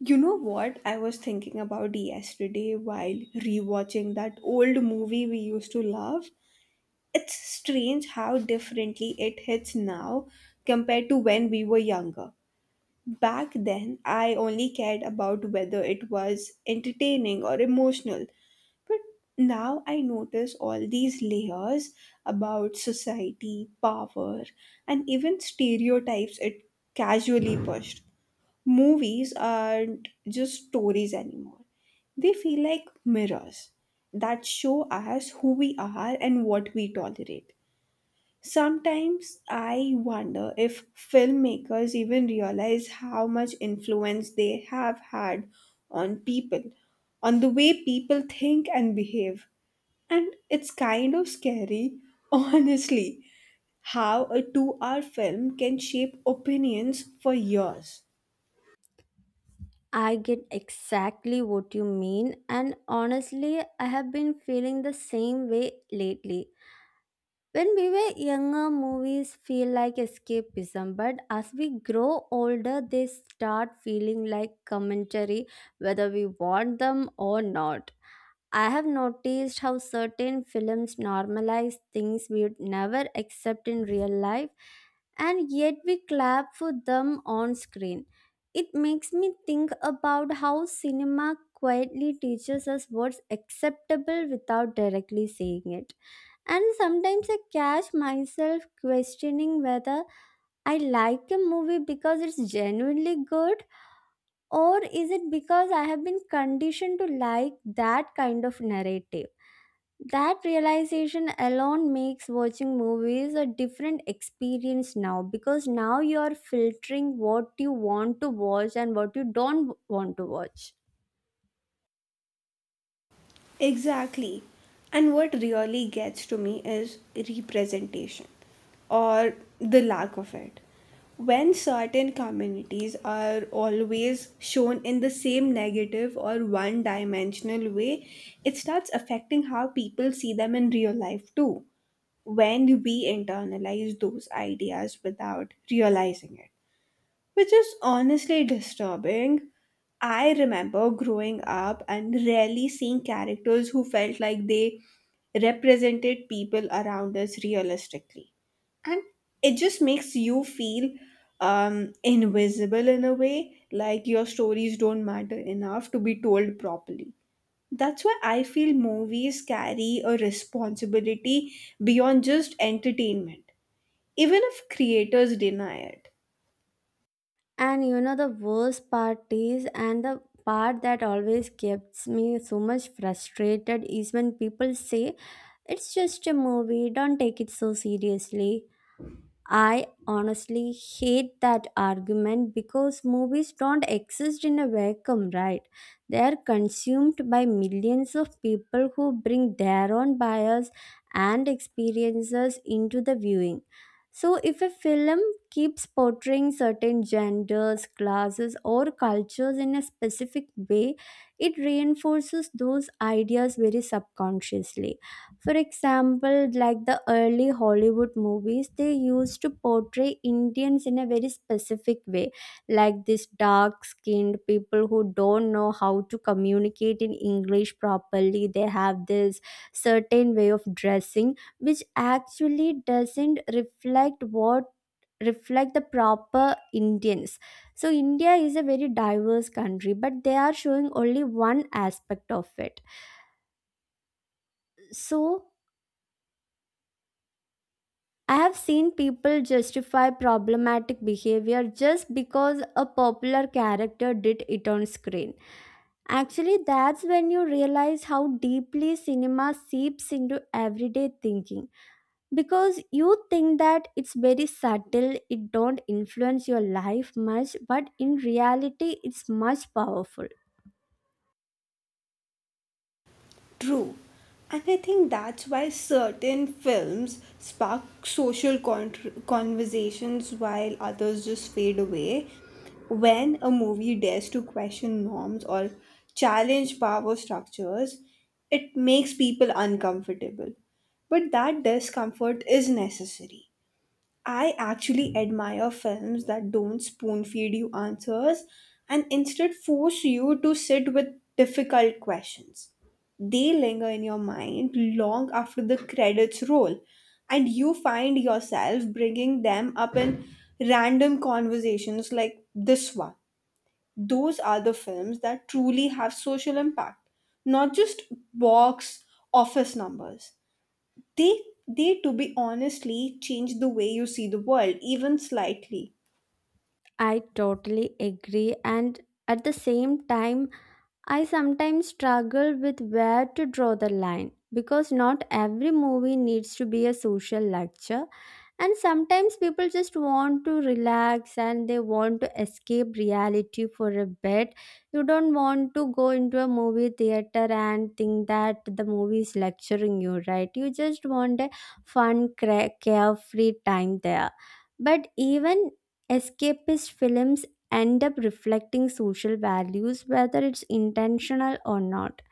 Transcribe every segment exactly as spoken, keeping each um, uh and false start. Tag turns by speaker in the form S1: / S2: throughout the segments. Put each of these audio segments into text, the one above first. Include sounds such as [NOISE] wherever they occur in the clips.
S1: You know what? I was thinking about yesterday while rewatching that old movie we used to love. It's strange how differently it hits now compared to when we were younger. Back then, I only cared about whether it was entertaining or emotional. But now I notice all these layers about society, power, and even stereotypes it casually pushed. Movies aren't just stories anymore. They feel like mirrors that show us who we are and what we tolerate. Sometimes I wonder if filmmakers even realize how much influence they have had on people, on the way people think and behave. And it's kind of scary, [LAUGHS] honestly, how a two hour film can shape opinions for years.
S2: I get exactly what you mean, and honestly, I have been feeling the same way lately. When we were younger, movies feel like escapism, but as we grow older, they start feeling like commentary whether we want them or not. I have noticed how certain films normalize things we would never accept in real life, and yet we clap for them on screen. It makes me think about how cinema quietly teaches us what's acceptable without directly saying it. And sometimes I catch myself questioning whether I like a movie because it's genuinely good, or is it because I have been conditioned to like that kind of narrative? That realization alone makes watching movies a different experience now because now you are filtering what you want to watch and what you don't want to watch.
S1: Exactly. And what really gets to me is representation, or the lack of it. When certain communities are always shown in the same negative or one dimensional way, it starts affecting how people see them in real life too. When we internalize those ideas without realizing it, which is honestly disturbing. I remember growing up and rarely seeing characters who felt like they represented people around us realistically. And it just makes you feel um, invisible in a way, like your stories don't matter enough to be told properly. That's why I feel movies carry a responsibility beyond just entertainment, even if creators deny it.
S2: And you know, the worst part is, and the part that always gets me so much frustrated is when people say, it's just a movie, don't take it so seriously. I honestly hate that argument because movies don't exist in a vacuum, right? They are consumed by millions of people who bring their own bias and experiences into the viewing. So, if a film keeps portraying certain genders, classes, or cultures in a specific way, it reinforces those ideas very subconsciously. For example, like the early Hollywood movies, they used to portray Indians in a very specific way, like this dark skinned people who don't know how to communicate in English properly. They have this certain way of dressing, which actually doesn't reflect what reflect the proper Indians. So India is a very diverse country, but they are showing only one aspect of it. So I have seen people justify problematic behavior just because a popular character did it on screen. Actually, that's when you realize how deeply cinema seeps into everyday thinking. Because you think that it's very subtle, it don't influence your life much, but in reality, it's much powerful.
S1: True. And I think that's why certain films spark social con- conversations while others just fade away. When a movie dares to question norms or challenge power structures, it makes people uncomfortable. But that discomfort is necessary. I actually admire films that don't spoon feed you answers and instead force you to sit with difficult questions. They linger in your mind long after the credits roll, and you find yourself bringing them up in random conversations like this one. Those are the films that truly have social impact, not just box office numbers. They they to be honestly change the way you see the world even slightly.
S2: I totally agree, and at the same time, I sometimes struggle with where to draw the line because not every movie needs to be a social lecture, and sometimes people just want to relax and they want to escape reality for a bit. You don't want to go into a movie theater and think that the movie is lecturing you, right? You just want a fun, cra- carefree time there. But even escapist films end up reflecting social values, whether it's intentional or not.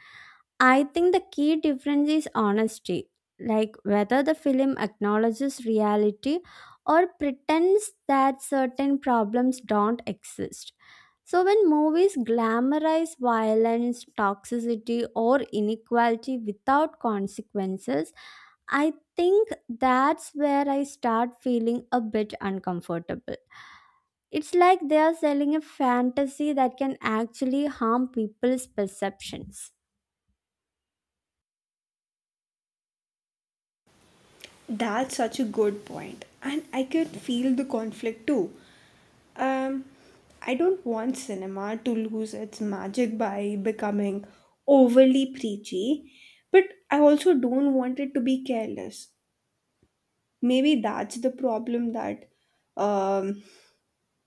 S2: I think the key difference is honesty, like whether the film acknowledges reality or pretends that certain problems don't exist. So, when movies glamorize violence, toxicity, or inequality without consequences, I think that's where I start feeling a bit uncomfortable. It's like they are selling a fantasy that can actually harm people's perceptions.
S1: That's such a good point, and I could feel the conflict too. Um I don't want cinema to lose its magic by becoming overly preachy, but I also don't want it to be careless. Maybe that's the problem that um,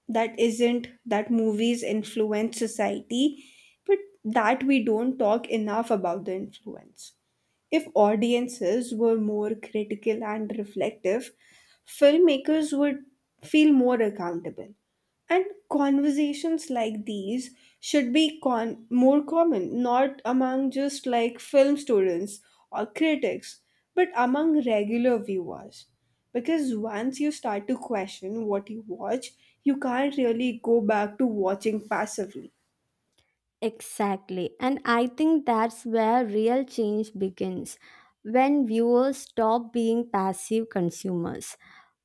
S1: that isn't that movies influence society, but that we don't talk enough about the influence. If audiences were more critical and reflective, filmmakers would feel more accountable. And conversations like these should be con- more common, not among just like film students or critics, but among regular viewers. Because once you start to question what you watch, you can't really go back to watching passively.
S2: Exactly. And I think that's where real change begins when viewers stop being passive consumers.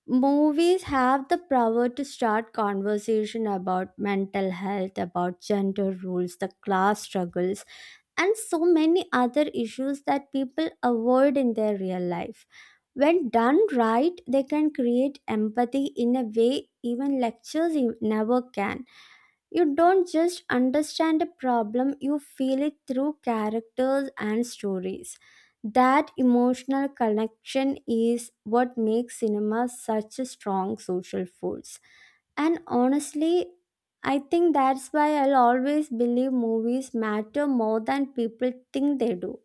S2: Movies have the power to start conversation about mental health, about gender rules, the class struggles, and so many other issues that people avoid in their real life. When done right, they can create empathy in a way even lectures you never can. You don't just understand a problem, you feel it through characters and stories. That emotional connection is what makes cinema such a strong social force. And honestly, I think that's why I'll always believe movies matter more than people think they do.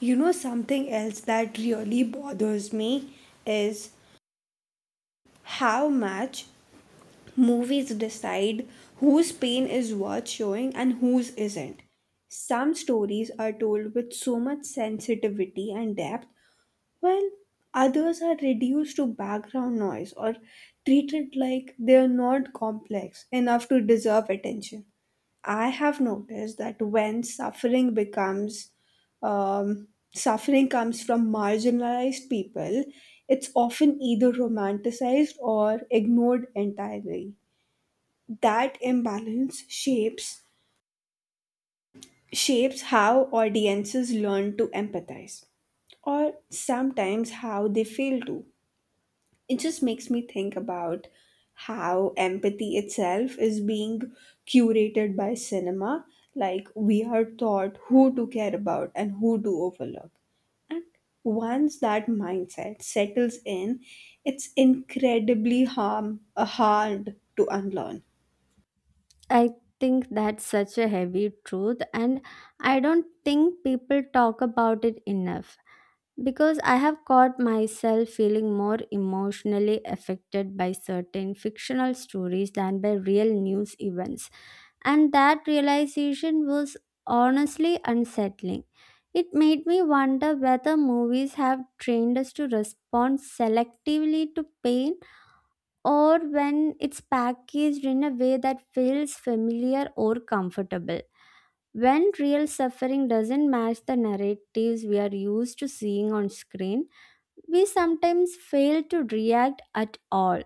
S1: You know, something else that really bothers me is how much movies decide whose pain is worth showing and whose isn't. Some stories are told with so much sensitivity and depth while others are reduced to background noise or treated like they are not complex enough to deserve attention. I have noticed that when suffering becomes um, suffering comes from marginalized people, it's often either romanticized or ignored entirely. That imbalance shapes shapes how audiences learn to empathize or sometimes how they fail to. It just makes me think about how empathy itself is being curated by cinema. Like, we are taught who to care about and who to overlook. And once that mindset settles in, it's incredibly harm, uh, hard to unlearn.
S2: I think that's such a heavy truth, and I don't think people talk about it enough because I have caught myself feeling more emotionally affected by certain fictional stories than by real news events, and that realization was honestly unsettling. It made me wonder whether movies have trained us to respond selectively to pain or when it's packaged in a way that feels familiar or comfortable. When real suffering doesn't match the narratives we are used to seeing on screen, we sometimes fail to react at all.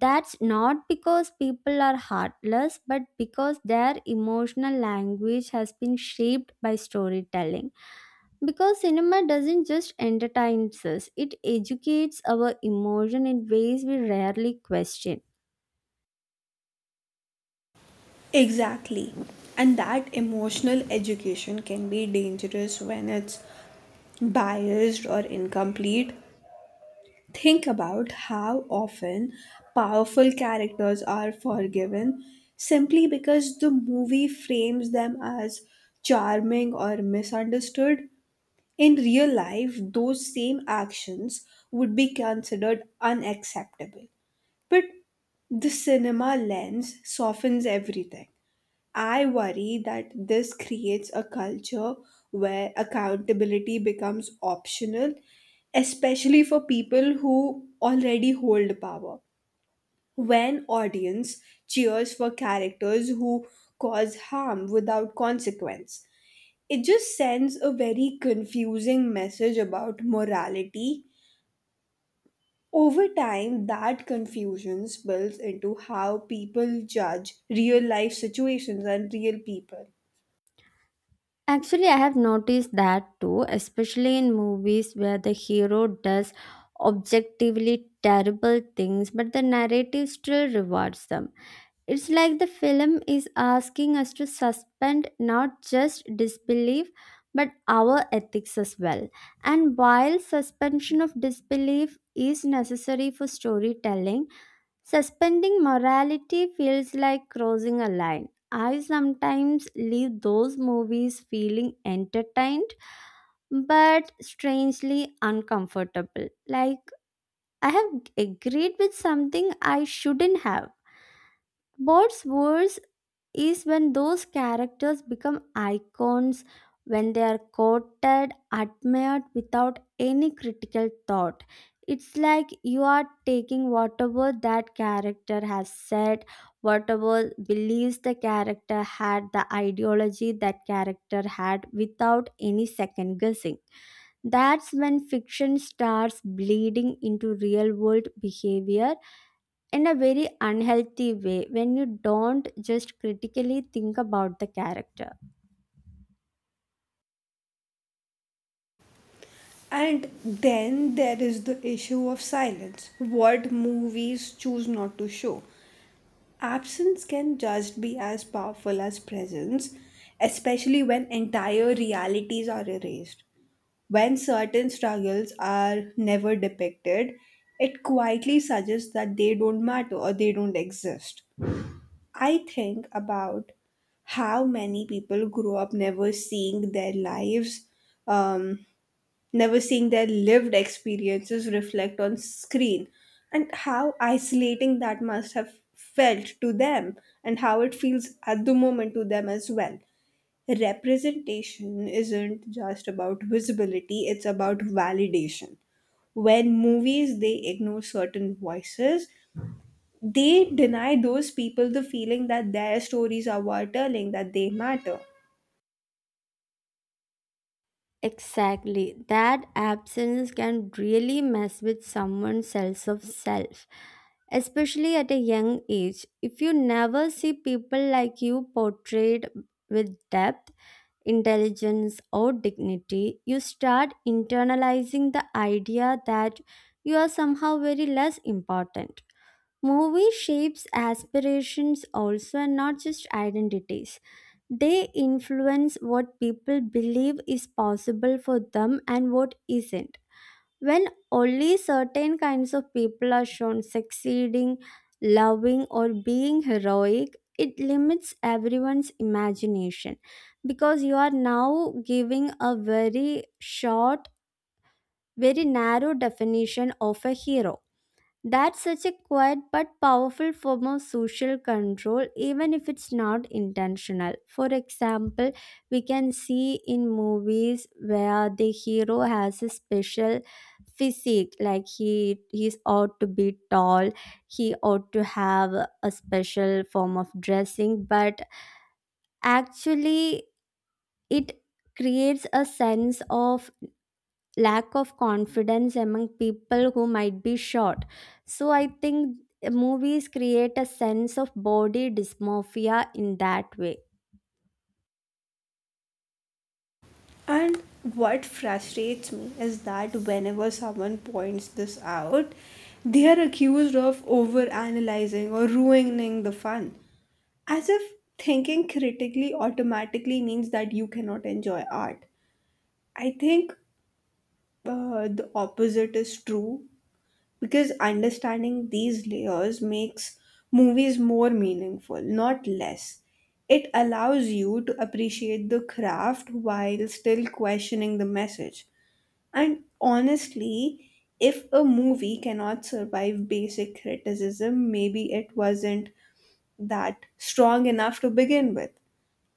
S2: That's not because people are heartless, but because their emotional language has been shaped by storytelling. Because cinema doesn't just entertain us, it educates our emotion in ways we rarely question.
S1: Exactly. And that emotional education can be dangerous when it's biased or incomplete. Think about how often powerful characters are forgiven simply because the movie frames them as charming or misunderstood. In real life, those same actions would be considered unacceptable. But the cinema lens softens everything. I worry that this creates a culture where accountability becomes optional, especially for people who already hold power. When audience cheers for characters who cause harm without consequence, it just sends a very confusing message about morality. Over time, that confusion spills into how people judge real life situations and real people.
S2: Actually, I have noticed that too, especially in movies where the hero does objectively terrible things, but the narrative still rewards them. It's like the film is asking us to suspend not just disbelief, but our ethics as well. And while suspension of disbelief is necessary for storytelling, suspending morality feels like crossing a line. I sometimes leave those movies feeling entertained but strangely uncomfortable. Like I have agreed with something I shouldn't have. What's worse is when those characters become icons, when they are quoted, admired without any critical thought. It's like you are taking whatever that character has said, whatever beliefs the character had, the ideology that character had, without any second guessing. That's when fiction starts bleeding into real world behavior in a very unhealthy way when you don't just critically think about the character.
S1: And then there is the issue of silence, what movies choose not to show. Absence can just be as powerful as presence, especially when entire realities are erased. When certain struggles are never depicted, it quietly suggests that they don't matter or they don't exist. I think about how many people grow up never seeing their lives um, never seeing their lived experiences reflect on screen, and how isolating that must have felt to them, and how it feels at the moment to them as well. Representation isn't just about visibility, it's about validation. When movies they ignore certain voices, they deny those people the feeling that their stories are worth telling, that they matter.
S2: Exactly. That absence can really mess with someone's sense of self, especially at a young age. If you never see people like you portrayed with depth, intelligence, or dignity, you start internalizing the idea that you are somehow very less important. Movie shapes aspirations also and not just identities. They influence what people believe is possible for them and what isn't. When only certain kinds of people are shown succeeding, loving, or being heroic, it limits everyone's imagination because you are now giving a very short, very narrow definition of a hero. That's such a quiet but powerful form of social control, even if it's not intentional. For example, we can see in movies where the hero has a special physique, like he he's ought to be tall, he ought to have a special form of dressing, but actually it creates a sense of lack of confidence among people who might be short. So I think movies create a sense of body dysmorphia in that way.
S1: And what frustrates me is that whenever someone points this out, they are accused of overanalyzing or ruining the fun. As if thinking critically automatically means that you cannot enjoy art. I think uh, the opposite is true, because understanding these layers makes movies more meaningful, not less. It allows you to appreciate the craft while still questioning the message. And honestly, if a movie cannot survive basic criticism, maybe it wasn't that strong enough to begin with.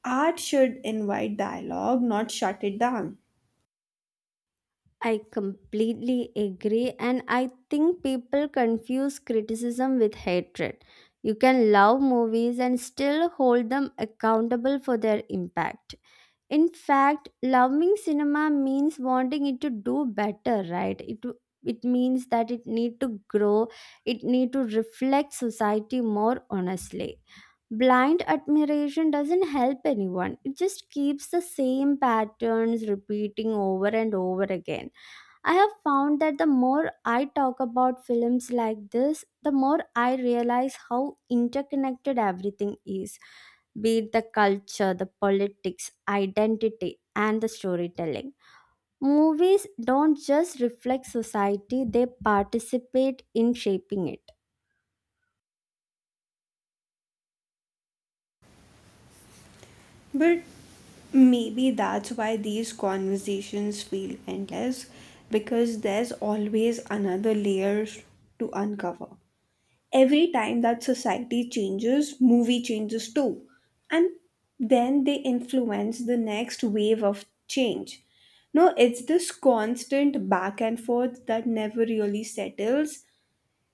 S1: Art should invite dialogue, not shut it down.
S2: I completely agree, and I think people confuse criticism with hatred. You can love movies and still hold them accountable for their impact. In fact, loving cinema means wanting it to do better, right? It it means that it need to grow, it need to reflect society more honestly. Blind admiration doesn't help anyone. It just keeps the same patterns repeating over and over again. I have found that the more I talk about films like this, the more I realize how interconnected everything is, be it the culture, the politics, identity, and the storytelling. Movies don't just reflect society, they participate in shaping it.
S1: But maybe that's why these conversations feel endless, because there's always another layer to uncover. Every time that society changes, movie changes too. And then they influence the next wave of change. No, it's this constant back and forth that never really settles.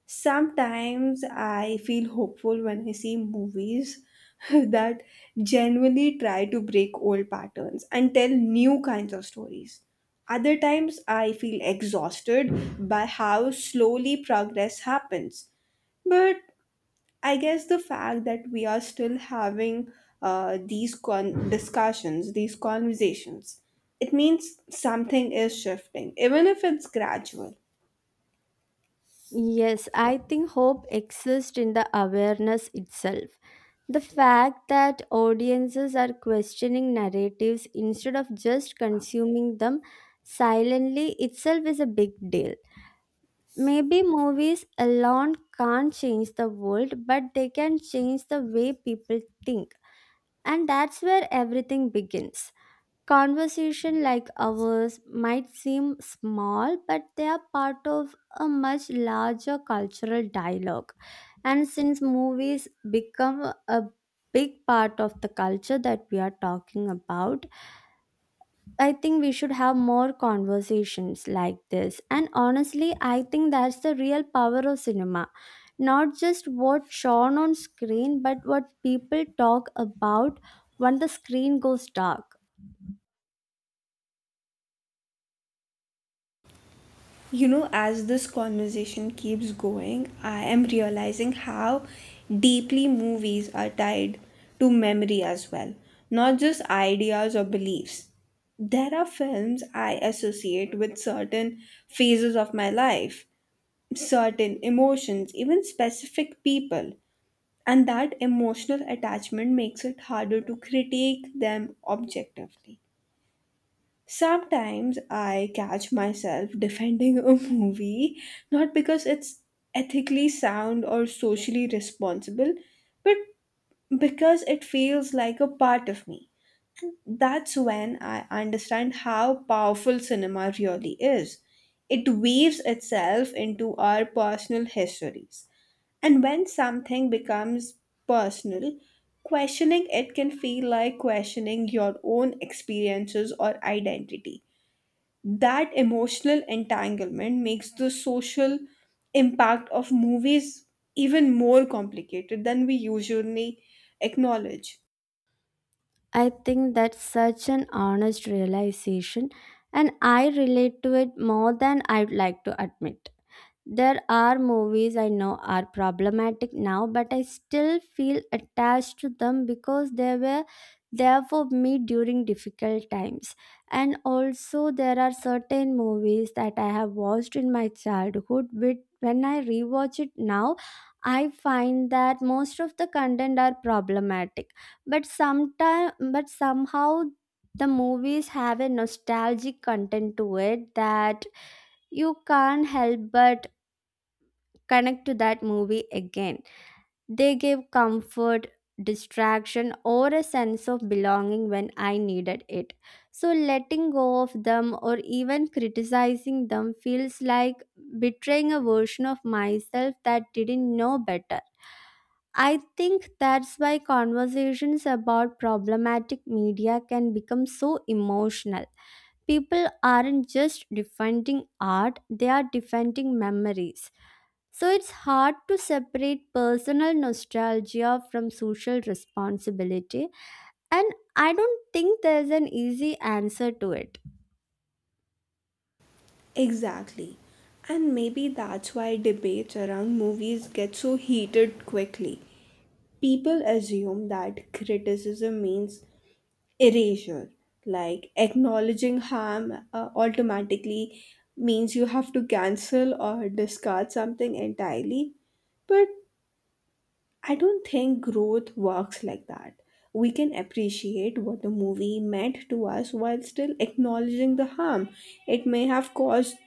S1: Sometimes I feel hopeful when I see movies [LAUGHS] that genuinely try to break old patterns and tell new kinds of stories. Other times I feel exhausted by how slowly progress happens. But I guess the fact that we are still having uh, these con- discussions, these conversations, it means something is shifting, even if it's gradual.
S2: Yes, I think hope exists in the awareness itself. The fact that audiences are questioning narratives instead of just consuming them silently itself is a big deal. Maybe movies alone can't change the world, but they can change the way people think. And that's where everything begins. Conversation like ours might seem small, but they are part of a much larger cultural dialogue. And since movies become a big part of the culture that we are talking about, I think we should have more conversations like this. And honestly, I think that's the real power of cinema. Not just what's shown on screen, but what people talk about when the screen goes dark.
S1: You know, as this conversation keeps going, I am realizing how deeply movies are tied to memory as well, not just ideas or beliefs. There are films I associate with certain phases of my life, certain emotions, even specific people, and that emotional attachment makes it harder to critique them objectively. Sometimes I catch myself defending a movie not because it's ethically sound or socially responsible, but because it feels like a part of me. That's when I understand how powerful cinema really is. It weaves itself into our personal histories. And when something becomes personal, questioning it can feel like questioning your own experiences or identity. That emotional entanglement makes the social impact of movies even more complicated than we usually acknowledge.
S2: I think that's such an honest realization, and I relate to it more than I'd like to admit. There are movies I know are problematic now, but I still feel attached to them because they were there for me during difficult times. And also, there are certain movies that I have watched in my childhood, but when I rewatch it now, I find that most of the content are problematic. But sometime, but somehow, the movies have a nostalgic content to it that you can't help but connect to that movie again. They gave comfort, distraction, or a sense of belonging when I needed it. So letting go of them or even criticizing them feels like betraying a version of myself that didn't know better. I think that's why conversations about problematic media can become so emotional. People aren't just defending art, they are defending memories. So it's hard to separate personal nostalgia from social responsibility, and I don't think there's an easy answer to it.
S1: Exactly. And maybe that's why debates around movies get so heated quickly. People assume that criticism means erasure, like acknowledging harm uh, automatically means you have to cancel or discard something entirely. But I don't think growth works like that. We can appreciate what the movie meant to us while still acknowledging the harm it may have caused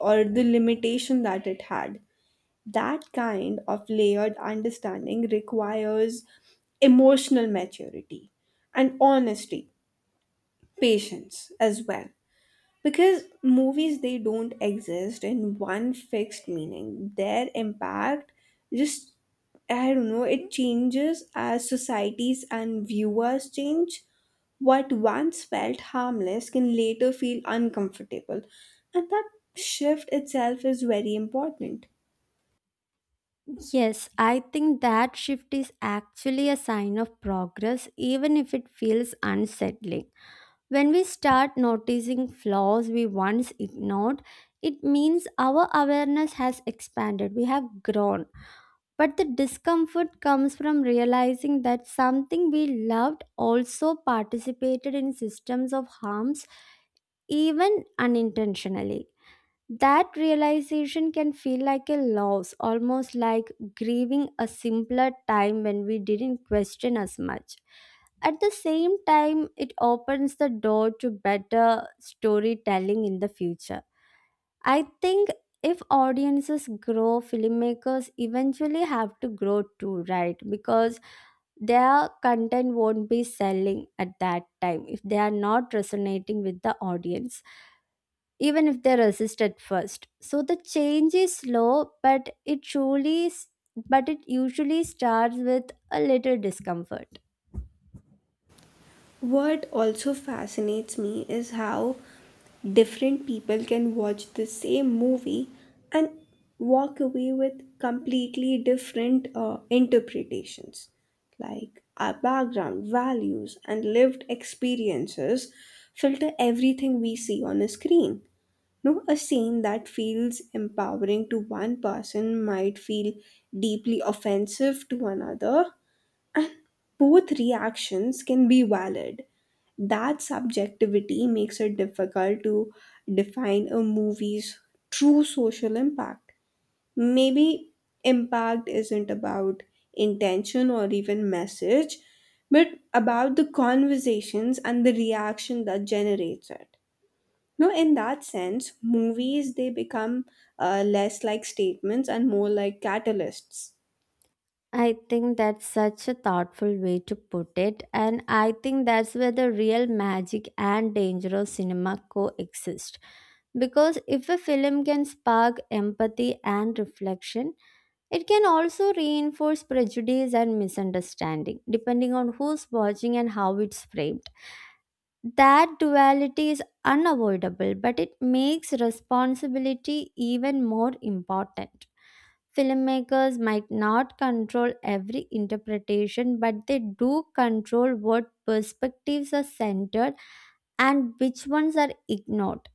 S1: or the limitation that it had. That kind of layered understanding requires emotional maturity and honesty, patience as well, because movies they don't exist in one fixed meaning. Their impact just, I don't know, it changes as societies and viewers change. What once felt harmless can later feel uncomfortable, and that shift itself is very important.
S2: Yes, I think that shift is actually a sign of progress, even if it feels unsettling. When we start noticing flaws we once ignored, it means our awareness has expanded, we have grown. But the discomfort comes from realizing that something we loved also participated in systems of harms, even unintentionally. That realization can feel like a loss, almost like grieving a simpler time when we didn't question as much. At the same time, it opens the door to better storytelling in the future. I think if audiences grow, filmmakers eventually have to grow too, right? Because their content won't be selling at that time if they are not resonating with the audience, even if they resist at first. So the change is slow, but it truly, but it usually starts with a little discomfort.
S1: What also fascinates me is how different people can watch the same movie and walk away with completely different uh, interpretations. Like our background, values, and lived experiences filter everything we see on a screen. No, a scene that feels empowering to one person might feel deeply offensive to another, and both reactions can be valid. That subjectivity makes it difficult to define a movie's true social impact. Maybe impact isn't about intention or even message, but about the conversations and the reaction that generates it. No, in that sense, movies they become uh, less like statements and more like catalysts.
S2: I think that's such a thoughtful way to put it, and I think that's where the real magic and danger of cinema coexist. Because if a film can spark empathy and reflection, it can also reinforce prejudice and misunderstanding, depending on who's watching and how it's framed. That duality is unavoidable, but it makes responsibility even more important. Filmmakers might not control every interpretation, but they do control what perspectives are centered and which ones are ignored.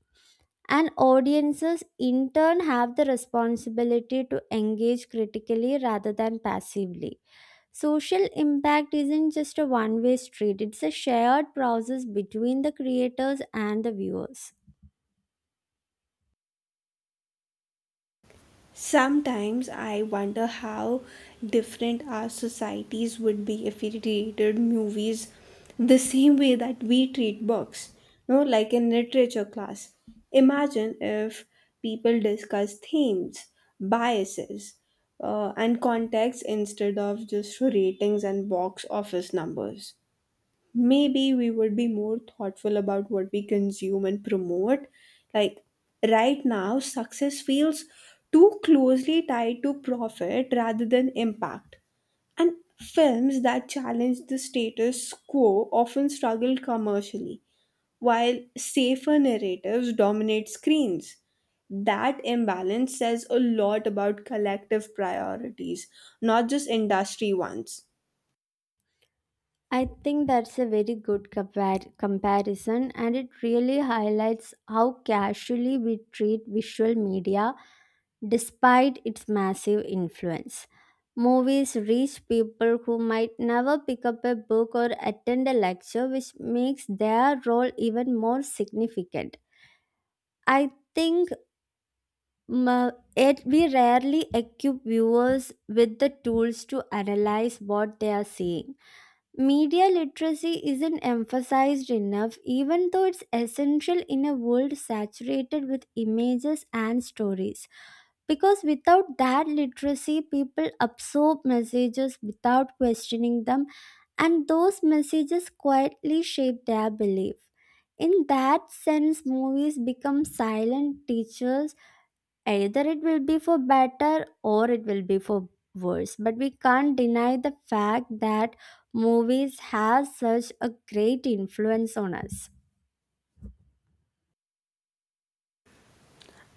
S2: And audiences, in turn, have the responsibility to engage critically rather than passively. Social impact isn't just a one way street, it's a shared process between the creators and the viewers.
S1: Sometimes I wonder how different our societies would be if we treated movies the same way that we treat books, no, like in literature class. Imagine if people discuss themes, biases, uh, and context instead of just ratings and box office numbers. Maybe we would be more thoughtful about what we consume and promote. Like right now, success feels too closely tied to profit rather than impact. And films that challenge the status quo often struggle commercially, while safer narratives dominate screens. That imbalance says a lot about collective priorities, not just industry ones.
S2: I think that's a very good compar- comparison, and it really highlights how casually we treat visual media despite its massive influence. Movies reach people who might never pick up a book or attend a lecture, which makes their role even more significant. I think mm, it, we rarely equip viewers with the tools to analyze what they are seeing. Media literacy isn't emphasized enough, even though it's essential in a world saturated with images and stories. Because without that literacy, people absorb messages without questioning them, and those messages quietly shape their belief. In that sense, movies become silent teachers, either it will be for better or it will be for worse, but we can't deny the fact that movies have such a great influence on us.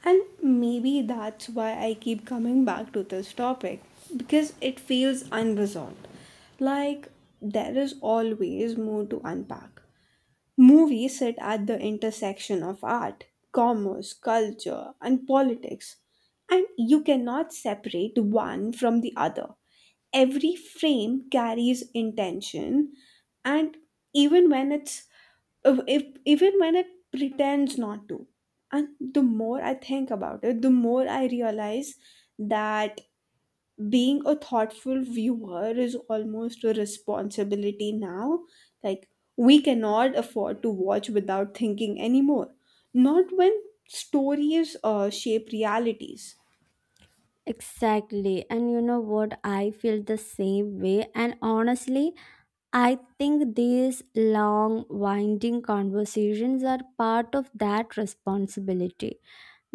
S1: And maybe that's why I keep coming back to this topic, because it feels unresolved. Like there is always more to unpack. Movies sit at the intersection of art, commerce, culture, and politics, and you cannot separate one from the other. Every frame carries intention, and even when it's if, even when it pretends not to. And the more I think about it, the more I realize that being a thoughtful viewer is almost a responsibility now. Like, we cannot afford to watch without thinking anymore. Not when stories uh, shape realities.
S2: Exactly, and you know what, I feel the same way. And honestly, I think these long winding conversations are part of that responsibility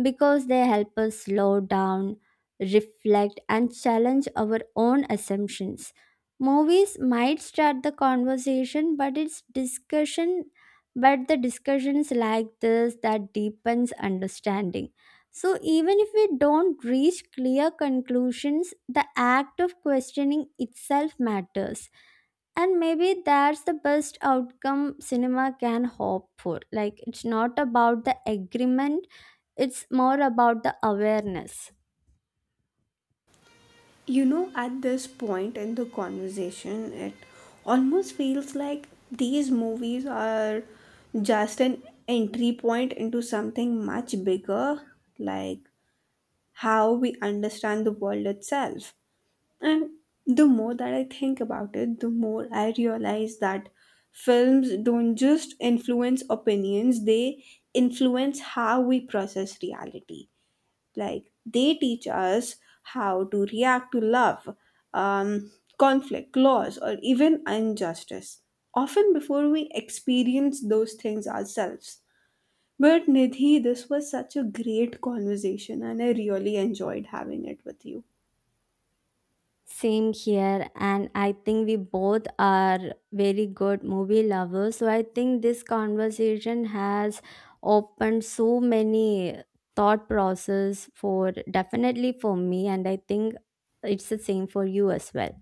S2: because they help us slow down, reflect, and challenge our own assumptions. Movies might start the conversation, but it's discussion, but the discussions like this that deepens understanding. So even if we don't reach clear conclusions, the act of questioning itself matters. And maybe that's the best outcome cinema can hope for. Like, it's not about the agreement, it's more about the awareness.
S1: You know, at this point in the conversation, it almost feels like these movies are just an entry point into something much bigger, like how we understand the world itself. And the more that I think about it, the more I realize that films don't just influence opinions, they influence how we process reality. Like, they teach us how to react to love, um, conflict, loss, or even injustice, often before we experience those things ourselves. But Nidhi, this was such a great conversation, and I really enjoyed having it with you.
S2: Same here, and I think we both are very good movie lovers. So I think this conversation has opened so many thought process, for definitely for me. And I think it's the same for you as well.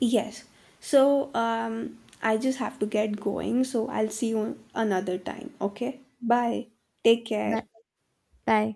S1: Yes. So um, I just have to get going. So I'll see you another time. Okay. Bye. Take
S2: Bye.
S1: care.
S2: Bye.